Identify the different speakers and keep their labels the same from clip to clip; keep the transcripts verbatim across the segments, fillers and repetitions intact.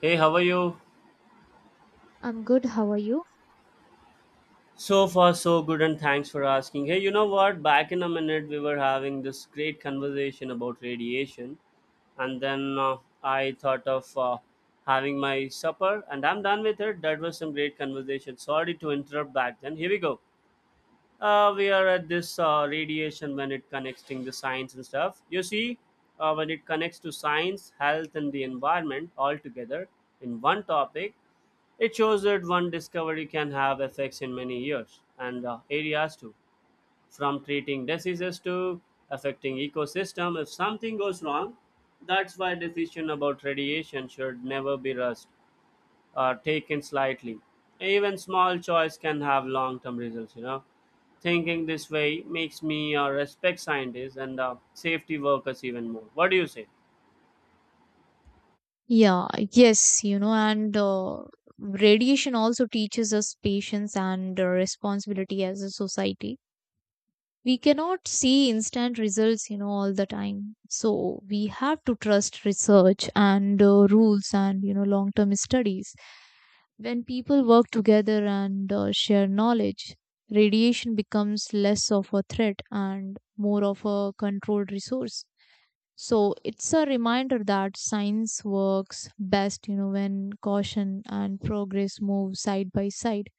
Speaker 1: Hey, how are you?
Speaker 2: I'm good. How are you?
Speaker 1: So far, so good, and thanks for asking. Hey, you know what? Back in a minute, we were having this great conversation about radiation, and then uh, I thought of uh, having my supper, and I'm done with it. That was some great conversation. Sorry to interrupt back then. Here we go. Uh, we are at this uh, radiation when it connecting the science and stuff. You see, uh, when it connects to science, health, and the environment all together in one topic, it shows that one discovery can have effects in many years and uh, areas too, from treating diseases to affecting ecosystem. If something goes wrong, that's why decision about radiation should never be rushed or taken slightly. Even small choice can have long-term results. You know, thinking this way makes me uh, respect scientists and uh, safety workers even more. What do you say?
Speaker 2: Yeah, yes, you know, and uh, radiation also teaches us patience and uh, responsibility as a society. We cannot see instant results, you know, all the time. So we have to trust research and uh, rules and, you know, long-term studies. When people work together and uh, share knowledge, radiation becomes less of a threat and more of a controlled resource. So it's a reminder that science works best, you know, when caution and progress move side by side.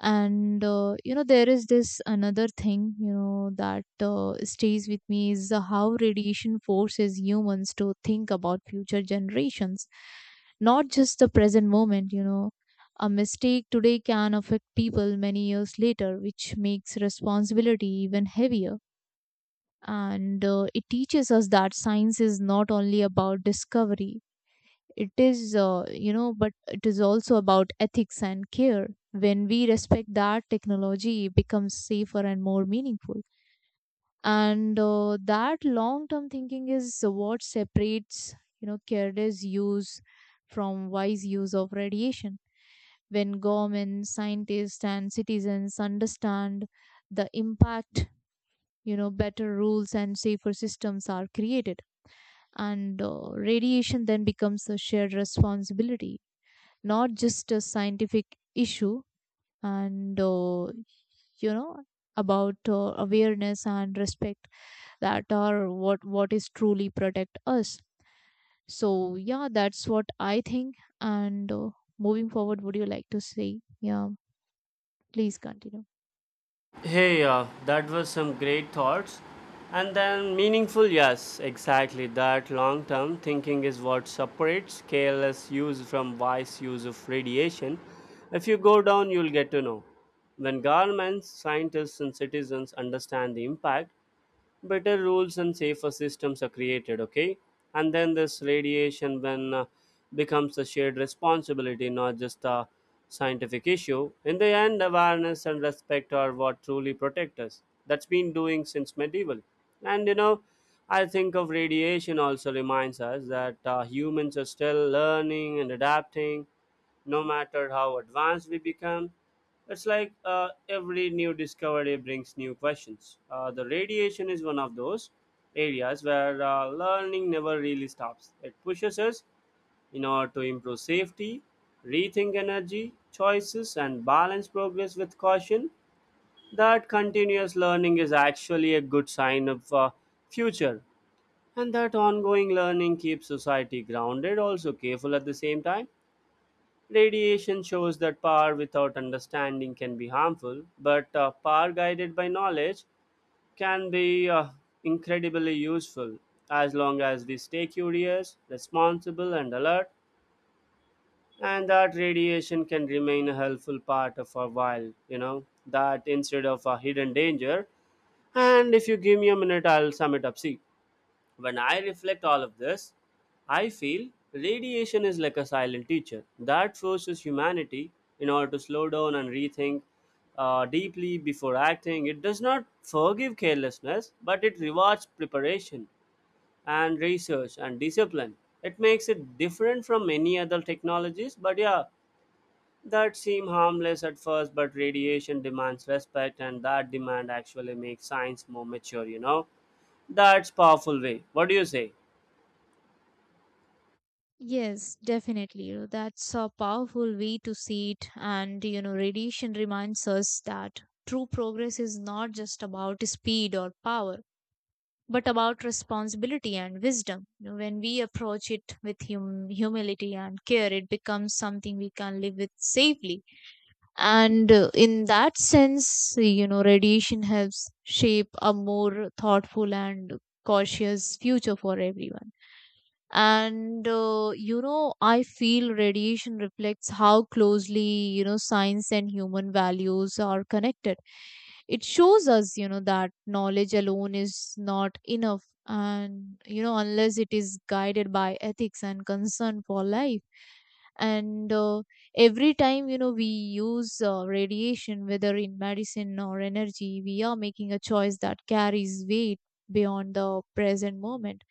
Speaker 2: And uh, you know, there is this another thing, you know, that uh, stays with me is how radiation forces humans to think about future generations, not just the present moment, you know. A mistake today can affect people many years later, which makes responsibility even heavier and uh, it teaches us that science is not only about discovery it is uh, you know but it is also about ethics and care. When we respect that, technology becomes safer and more meaningful, and uh, that long term thinking is what separates, you know careless use from wise use of radiation. When governments, scientists, and citizens understand the impact, you know better rules and safer systems are created, and uh, radiation then becomes a shared responsibility, not just a scientific issue. And uh, you know About uh, awareness and respect, that are what what is truly protect us. So yeah, that's what I think. And uh, Moving forward, would you like to say? Yeah, please continue.
Speaker 1: Hey, uh, that was some great thoughts. And then meaningful, yes, exactly. That long term thinking is what separates careless use from wise use of radiation. If you go down, you'll get to know. When governments, scientists, and citizens understand the impact, better rules and safer systems are created, okay, and then this radiation when uh, becomes a shared responsibility, not just a scientific issue. In the end, awareness and respect are what truly protect us. That's been doing since medieval. And you know, I think of radiation also reminds us that uh, humans are still learning and adapting, no matter how advanced we become. It's like uh, every new discovery brings new questions. Uh, the radiation is one of those areas where uh, learning never really stops. It pushes us in order to improve safety, rethink energy choices, and balance progress with caution. That continuous learning is actually a good sign of uh, future, and that ongoing learning keeps society grounded, also careful at the same time. Radiation shows that power without understanding can be harmful, but uh, power guided by knowledge can be uh, incredibly useful as long as we stay curious, responsible, and alert. And that radiation can remain a helpful part of our wild, you know, that instead of a hidden danger. And if you give me a minute, I'll sum it up. See. When I reflect all of this, I feel radiation is like a silent teacher that forces humanity in order to slow down and rethink uh, deeply before acting. It does not forgive carelessness, but it rewards preparation and research and discipline. It makes it different from many other technologies, but yeah, that seem harmless at first, but radiation demands respect, and that demand actually makes science more mature, you know? That's powerful way. What do you say?
Speaker 2: Yes, definitely. You know, that's a powerful way to see it. And, you know, radiation reminds us that true progress is not just about speed or power, but about responsibility and wisdom. You know, when we approach it with hum- humility and care, it becomes something we can live with safely. And uh, in that sense, you know, radiation helps shape a more thoughtful and cautious future for everyone. And uh, you know, I feel radiation reflects how closely, you know, science and human values are connected. It shows us, you know, that knowledge alone is not enough, and you know, unless it is guided by ethics and concern for life. And uh, Every time, you know, we use uh, radiation, whether in medicine or energy, we are making a choice that carries weight beyond the present moment.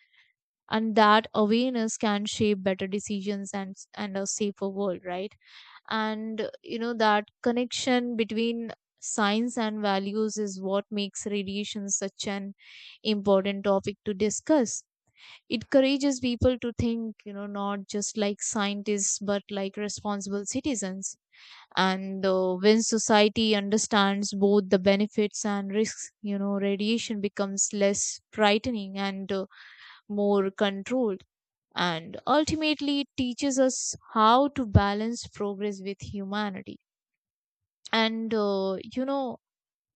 Speaker 2: And that awareness can shape better decisions and and a safer world, right? And you know, that connection between science and values is what makes radiation such an important topic to discuss. It encourages people to think, you know, not just like scientists but like responsible citizens. And uh, when society understands both the benefits and risks, you know, radiation becomes less frightening and uh, more controlled. And ultimately it teaches us how to balance progress with humanity. And uh, you know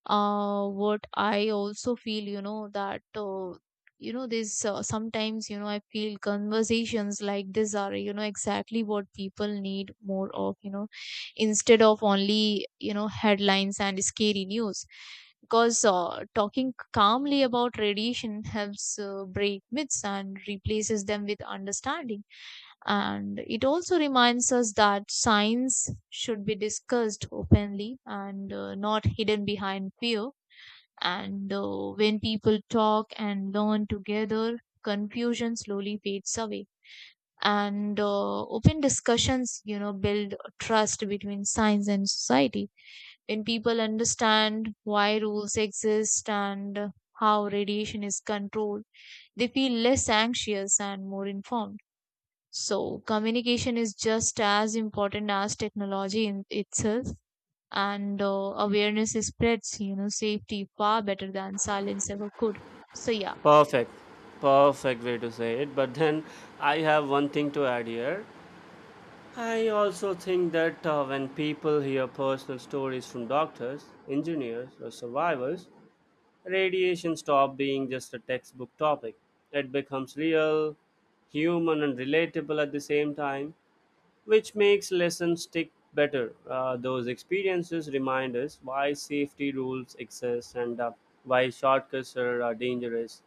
Speaker 2: uh, What I also feel, you know, that uh, you know this uh, sometimes, you know, I feel conversations like this are, you know, exactly what people need more of, you know, instead of only, you know, headlines and scary news. Because uh, talking calmly about radiation helps uh, break myths and replaces them with understanding. And it also reminds us that science should be discussed openly and uh, not hidden behind fear. And uh, when people talk and learn together, confusion slowly fades away. And uh, open discussions, you know, build trust between science and society. When people understand why rules exist and how radiation is controlled, they feel less anxious and more informed. So communication is just as important as technology in itself, and uh, awareness spreads, you know, safety far better than silence ever could. So yeah.
Speaker 1: Perfect. Perfect way to say it. But then I have one thing to add here. I also think that uh, when people hear personal stories from doctors, engineers, or survivors, radiation stops being just a textbook topic. It becomes real, human, and relatable at the same time, which makes lessons stick better. Uh, those experiences remind us why safety rules exist and uh, why shortcuts are uh, dangerous.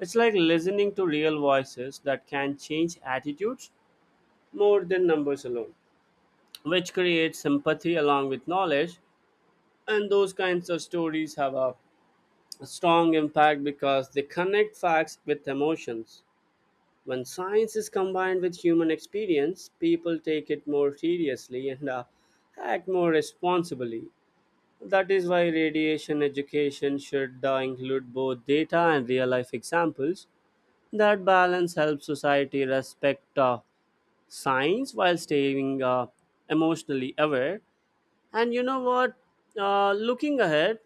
Speaker 1: It's like listening to real voices that can change attitudes more than numbers alone, which creates sympathy along with knowledge. And those kinds of stories have a strong impact because they connect facts with emotions. When science is combined with human experience, people take it more seriously and uh, act more responsibly. That is why radiation education should uh, include both data and real life examples. That balance helps society respect uh, science while staying uh, emotionally aware. And you know what? Uh, looking ahead,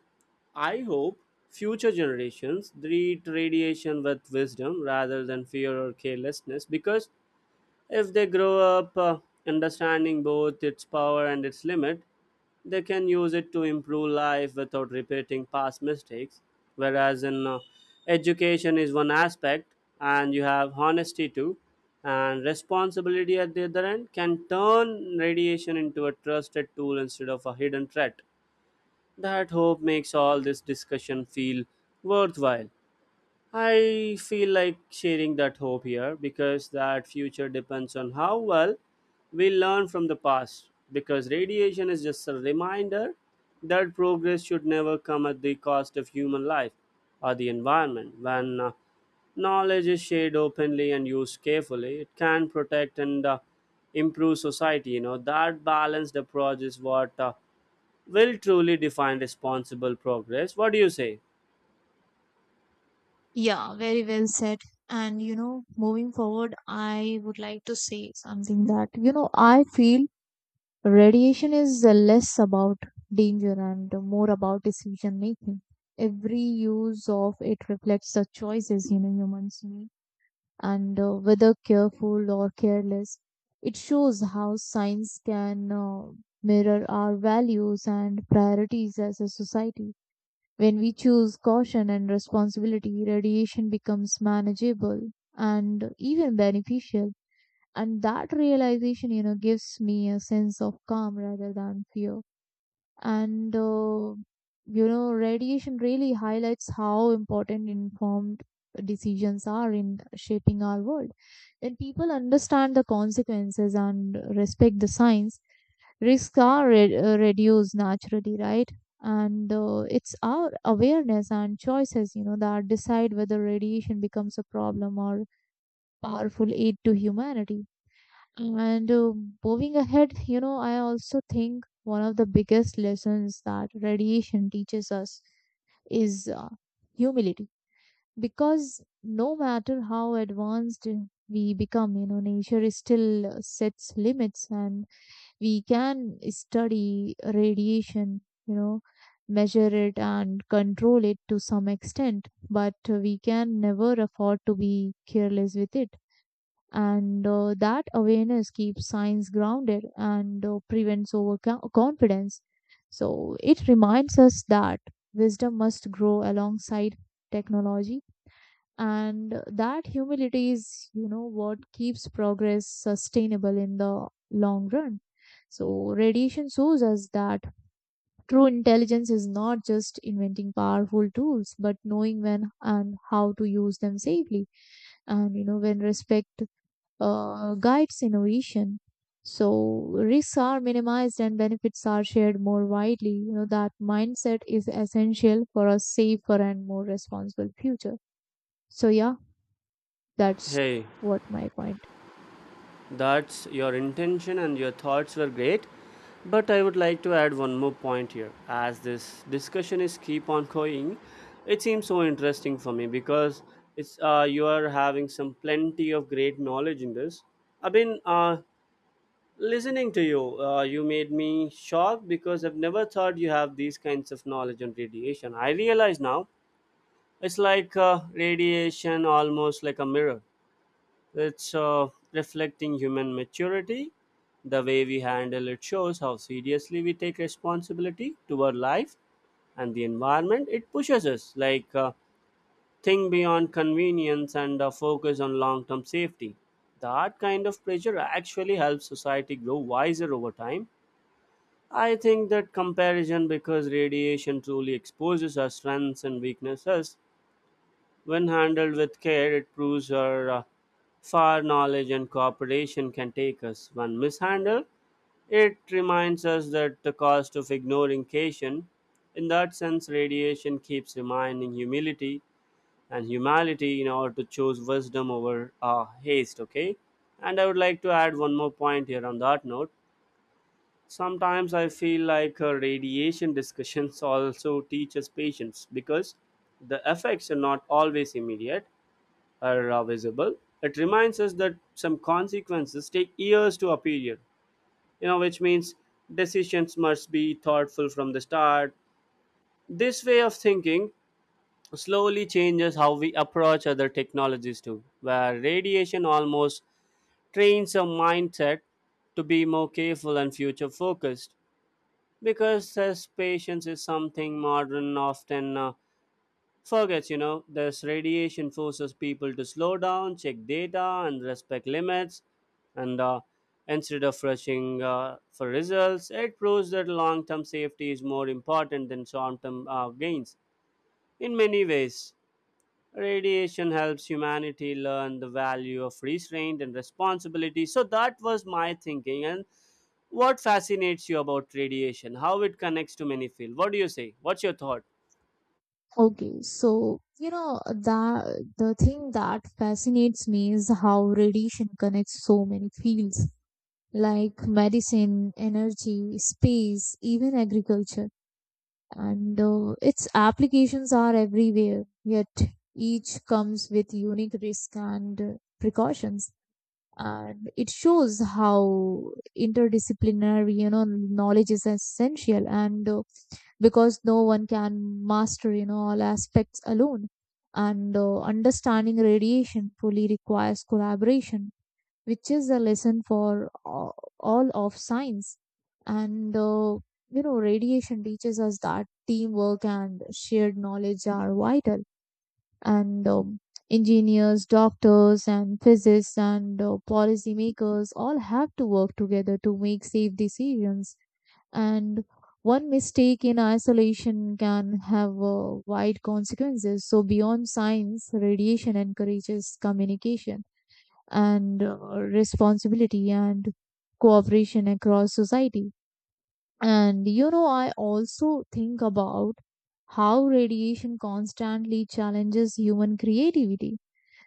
Speaker 1: I hope future generations treat radiation with wisdom rather than fear or carelessness, because if they grow up uh, understanding both its power and its limit, they can use it to improve life without repeating past mistakes. Whereas in uh, education is one aspect, and you have honesty too, and responsibility at the other end can turn radiation into a trusted tool instead of a hidden threat. That hope makes all this discussion feel worthwhile. I feel like sharing that hope here because that future depends on how well we learn from the past. Because radiation is just a reminder that progress should never come at the cost of human life or the environment. When uh, knowledge is shared openly and used carefully, it can protect and uh, improve society. You know, that balanced approach is what uh, will truly define responsible progress. What do you say?
Speaker 2: Yeah, very well said. And you know, moving forward, I would like to say something that, you know, I feel radiation is uh, less about danger and more about decision making. Every use of it reflects the choices, you know, humans make, and uh, whether careful or careless, it shows how science can uh, mirror our values and priorities as a society. When we choose caution and responsibility, radiation becomes manageable and even beneficial. And that realization, you know, gives me a sense of calm rather than fear. And uh, you know, radiation really highlights how important informed decisions are in shaping our world. When people understand the consequences and respect the science, risks are re- uh, reduced naturally, right? And uh, it's our awareness and choices, you know, that decide whether radiation becomes a problem or powerful aid to humanity. And uh, moving ahead, you know, I also think one of the biggest lessons that radiation teaches us is uh, humility. Because no matter how advanced we become, you know, nature still uh, sets limits, and we can study radiation, you know, measure it and control it to some extent, but we can never afford to be careless with it. And uh, that awareness keeps science grounded and uh, prevents overconfidence. So it reminds us that wisdom must grow alongside technology, and that humility is, you know, what keeps progress sustainable in the long run. So radiation shows us that true intelligence is not just inventing powerful tools but knowing when and how to use them safely. And you know, when respect uh, guides innovation, So risks are minimized and benefits are shared more widely. You know, that mindset is essential for a safer and more responsible future. So yeah, that's
Speaker 1: Hey.
Speaker 2: what my point.
Speaker 1: That's your intention, and your thoughts were great. But I would like to add one more point here. As this discussion is keep on going, it seems so interesting for me, because it's uh, you are having some plenty of great knowledge in this. I've been uh, listening to you. Uh, you made me shocked because I've never thought you have these kinds of knowledge on radiation. I realize now it's like uh, radiation, almost like a mirror. It's uh, reflecting human maturity. The way we handle it shows how seriously we take responsibility to our life and the environment. It pushes us, like uh, think beyond convenience and uh, focus on long term safety. That kind of pressure actually helps society grow wiser over time. I think that comparison because radiation truly exposes our strengths and weaknesses. When handled with care, it proves how uh, far knowledge and cooperation can take us. When mishandled, it reminds us that the cost of ignoring cation. In that sense, radiation keeps reminding humility and humanity in order to choose wisdom over uh, haste, okay? And I would like to add one more point here on that note. Sometimes I feel like uh, radiation discussions also teach us patience, because the effects are not always immediate are uh, visible. It reminds us that some consequences take years to appear, you know, which means decisions must be thoughtful from the start. This way of thinking slowly changes how we approach other technologies too, where radiation almost trains our mindset to be more careful and future focused, because this patience is something modern often uh, forgets. You know, this radiation forces people to slow down, check data, and respect limits. And uh, instead of rushing uh, for results, it proves that long term safety is more important than short term uh, gains. In many ways, radiation helps humanity learn the value of restraint and responsibility. So, that was my thinking. And what fascinates you about radiation? How it connects to many fields? What do you say? What's your thought?
Speaker 2: Okay, so you know that the thing that fascinates me is how radiation connects so many fields, like medicine, energy, space, even agriculture. And uh, its applications are everywhere, yet each comes with unique risk and uh, precautions. And it shows how interdisciplinary, you know, knowledge is essential, and uh, because no one can master, you know, all aspects alone. And uh, understanding radiation fully requires collaboration, which is a lesson for a- all of science. And, uh, you know, radiation teaches us that teamwork and shared knowledge are vital. And um, engineers, doctors, and physicists, and uh, policymakers all have to work together to make safe decisions. And one mistake in isolation can have uh, wide consequences. So, beyond science, radiation encourages communication and uh, responsibility and cooperation across society. And you know, I also think about how radiation constantly challenges human creativity.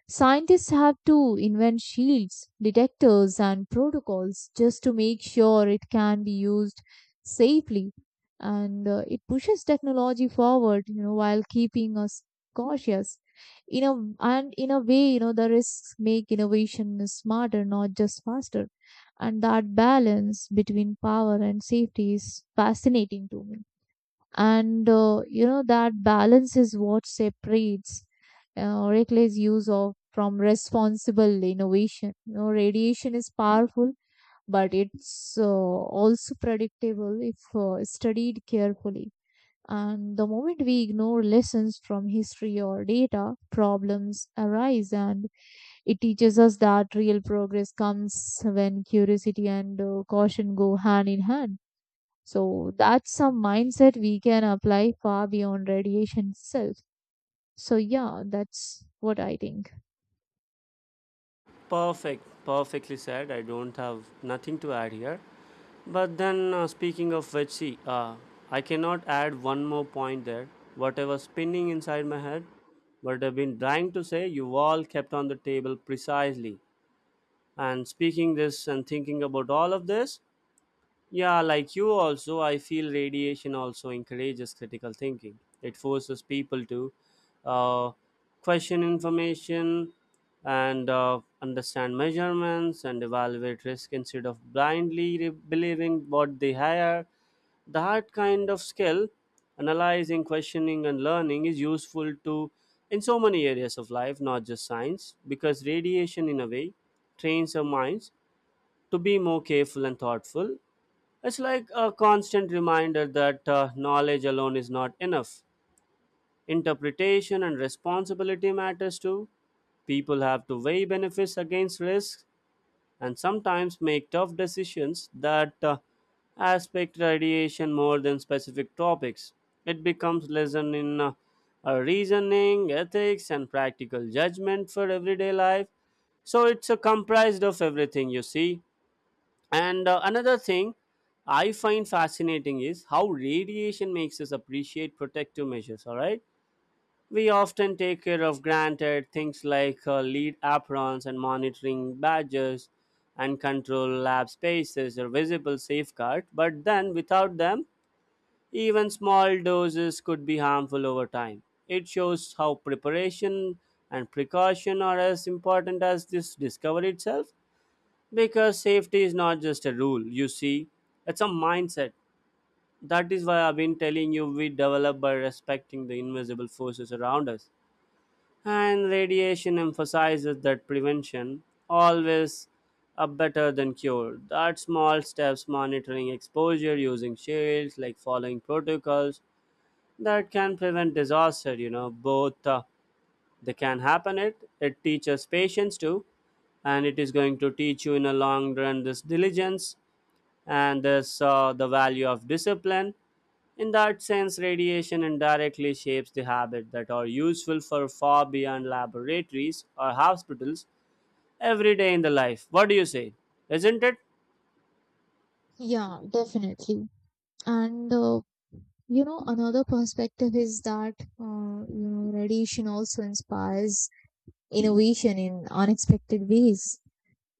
Speaker 2: Scientists have to invent shields, detectors, and protocols just to make sure it can be used safely. And uh, it pushes technology forward, you know, while keeping us cautious. In a And in a way, you know, the risks make innovation smarter, not just faster. And that balance between power and safety is fascinating to me. And uh, you know, that balance is what separates uh, Oracle's use of from responsible innovation. You know, radiation is powerful, but it's uh, also predictable if uh, studied carefully. And the moment we ignore lessons from history or data, problems arise, and it teaches us that real progress comes when curiosity and uh, caution go hand in hand. So that's a mindset we can apply far beyond radiation itself. So yeah, that's what I think.
Speaker 1: Perfect, perfectly said. I don't have nothing to add here. But then, uh, speaking of which, see, uh, I cannot add one more point there. Whatever spinning inside my head, what I've been trying to say, you all kept on the table precisely. And speaking this and thinking about all of this, yeah, like you also, I feel radiation also encourages critical thinking. It forces people to uh, question information and uh, understand measurements and evaluate risk instead of blindly re- believing what they hear. That kind of skill, analyzing, questioning, and learning, is useful to in so many areas of life, not just science, because radiation, in a way, trains our minds to be more careful and thoughtful. It's like a constant reminder that uh, knowledge alone is not enough. Interpretation and responsibility matters too. People have to weigh benefits against risks and sometimes make tough decisions that uh, aspect radiation more than specific topics. It becomes lesson in uh, uh, reasoning, ethics, and practical judgment for everyday life. So it's a comprised of everything you see. And uh, another thing I find fascinating is how radiation makes us appreciate protective measures, all right? We often take care of granted things like uh, lead aprons and monitoring badges and control lab spaces or visible safeguard, but then without them, even small doses could be harmful over time. It shows how preparation and precaution are as important as this discovery itself, because safety is not just a rule, you see, it's a mindset. That is why I've been telling you we develop by respecting the invisible forces around us. And radiation emphasizes that prevention always a better than cure. That small steps monitoring exposure using shields, like following protocols, that can prevent disaster, you know, both uh, they can happen it. It teaches patience too, and it is going to teach you in a long run this diligence and this, saw the value of discipline. In that sense, radiation indirectly shapes the habits that are useful for far beyond laboratories or hospitals every day in the life. What do you say? Isn't it?
Speaker 2: Yeah, definitely. And uh, you know, another perspective is that uh, you know, radiation also inspires innovation in unexpected ways.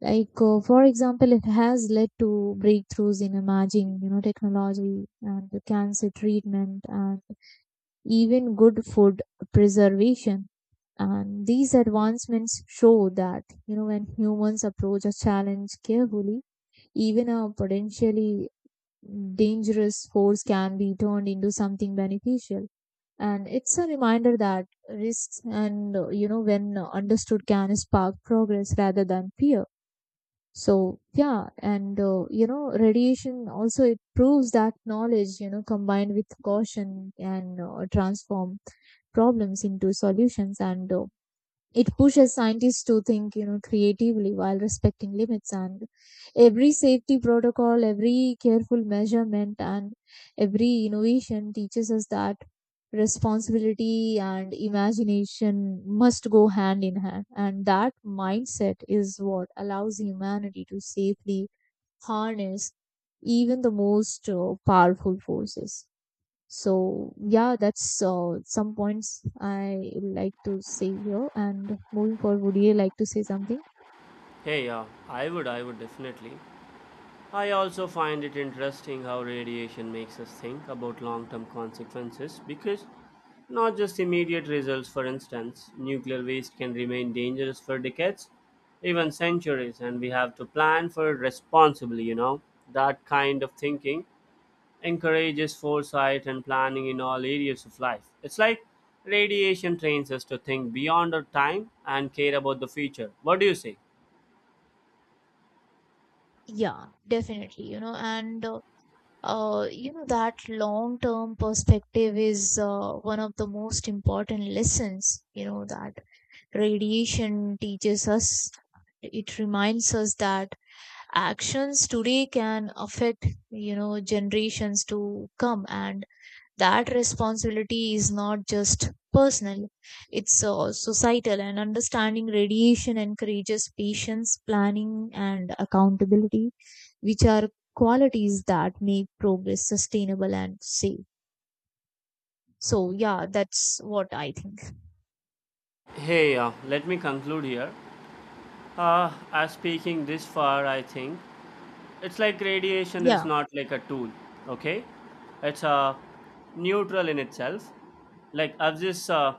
Speaker 2: Like, uh, for example, it has led to breakthroughs in imaging, you know, technology and the cancer treatment and even good food preservation. And these advancements show that, you know, when humans approach a challenge carefully, even a potentially dangerous force can be turned into something beneficial. And it's a reminder that risks and, uh, you know, when understood can spark progress rather than fear. So, yeah, and, uh, you know, radiation also, it proves that knowledge, you know, combined with caution and uh, transform problems into solutions, and uh, it pushes scientists to think, you know, creatively while respecting limits. And every safety protocol, every careful measurement, and every innovation teaches us that responsibility and imagination must go hand in hand, and that mindset is what allows humanity to safely harness even the most uh, powerful forces. So yeah, that's uh, some points I would like to say here. And moving forward, would you like to say something?
Speaker 1: Hey, yeah, I would, I would definitely. I also find it interesting how radiation makes us think about long term consequences, because not just immediate results, for instance, nuclear waste can remain dangerous for decades, even centuries, and we have to plan for it responsibly, you know. That kind of thinking encourages foresight and planning in all areas of life. It's like radiation trains us to think beyond our time and care about the future. What do you say?
Speaker 2: Yeah, definitely. You know, and uh, uh, you know that long-term perspective is uh, one of the most important lessons, you know, that radiation teaches us. It reminds us that actions today can affect, you know, generations to come, and that responsibility is not just personal, it's uh, societal. And understanding radiation encourages patience, planning, and accountability, which are qualities that make progress sustainable and safe. So yeah, that's what I think.
Speaker 1: Hey, uh, let me conclude here. Uh, as speaking this far, I think it's like radiation is
Speaker 2: Yeah,
Speaker 1: not like a tool, okay? It's a neutral in itself. Like I've just uh,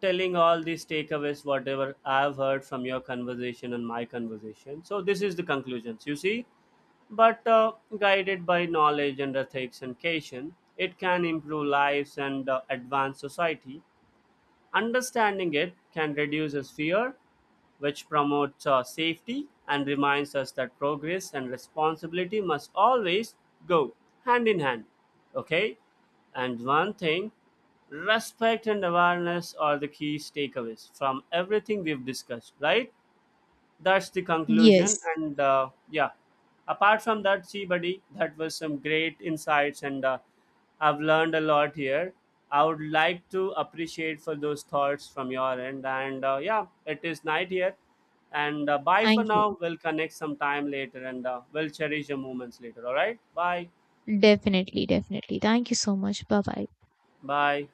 Speaker 1: telling all these takeaways, whatever I've heard from your conversation and my conversation. So this is the conclusions. You see, but uh, guided by knowledge and ethics and caution, it can improve lives and uh, advance society. Understanding it can reduce his fear, which promotes uh, safety and reminds us that progress and responsibility must always go hand in hand. Okay? And one thing, respect and awareness are the key takeaways from everything we've discussed, right? That's the conclusion,
Speaker 2: yes.
Speaker 1: and uh, yeah, apart from that, see buddy, that was some great insights, and uh, I've learned a lot here. I would like to appreciate for those thoughts from your end, and uh, yeah, it is night here, and uh, bye for
Speaker 2: Thank you.
Speaker 1: now. We'll connect sometime later, and uh, we'll cherish the moments later. All right, bye
Speaker 2: Definitely, definitely, thank you so much. Bye bye.
Speaker 1: bye.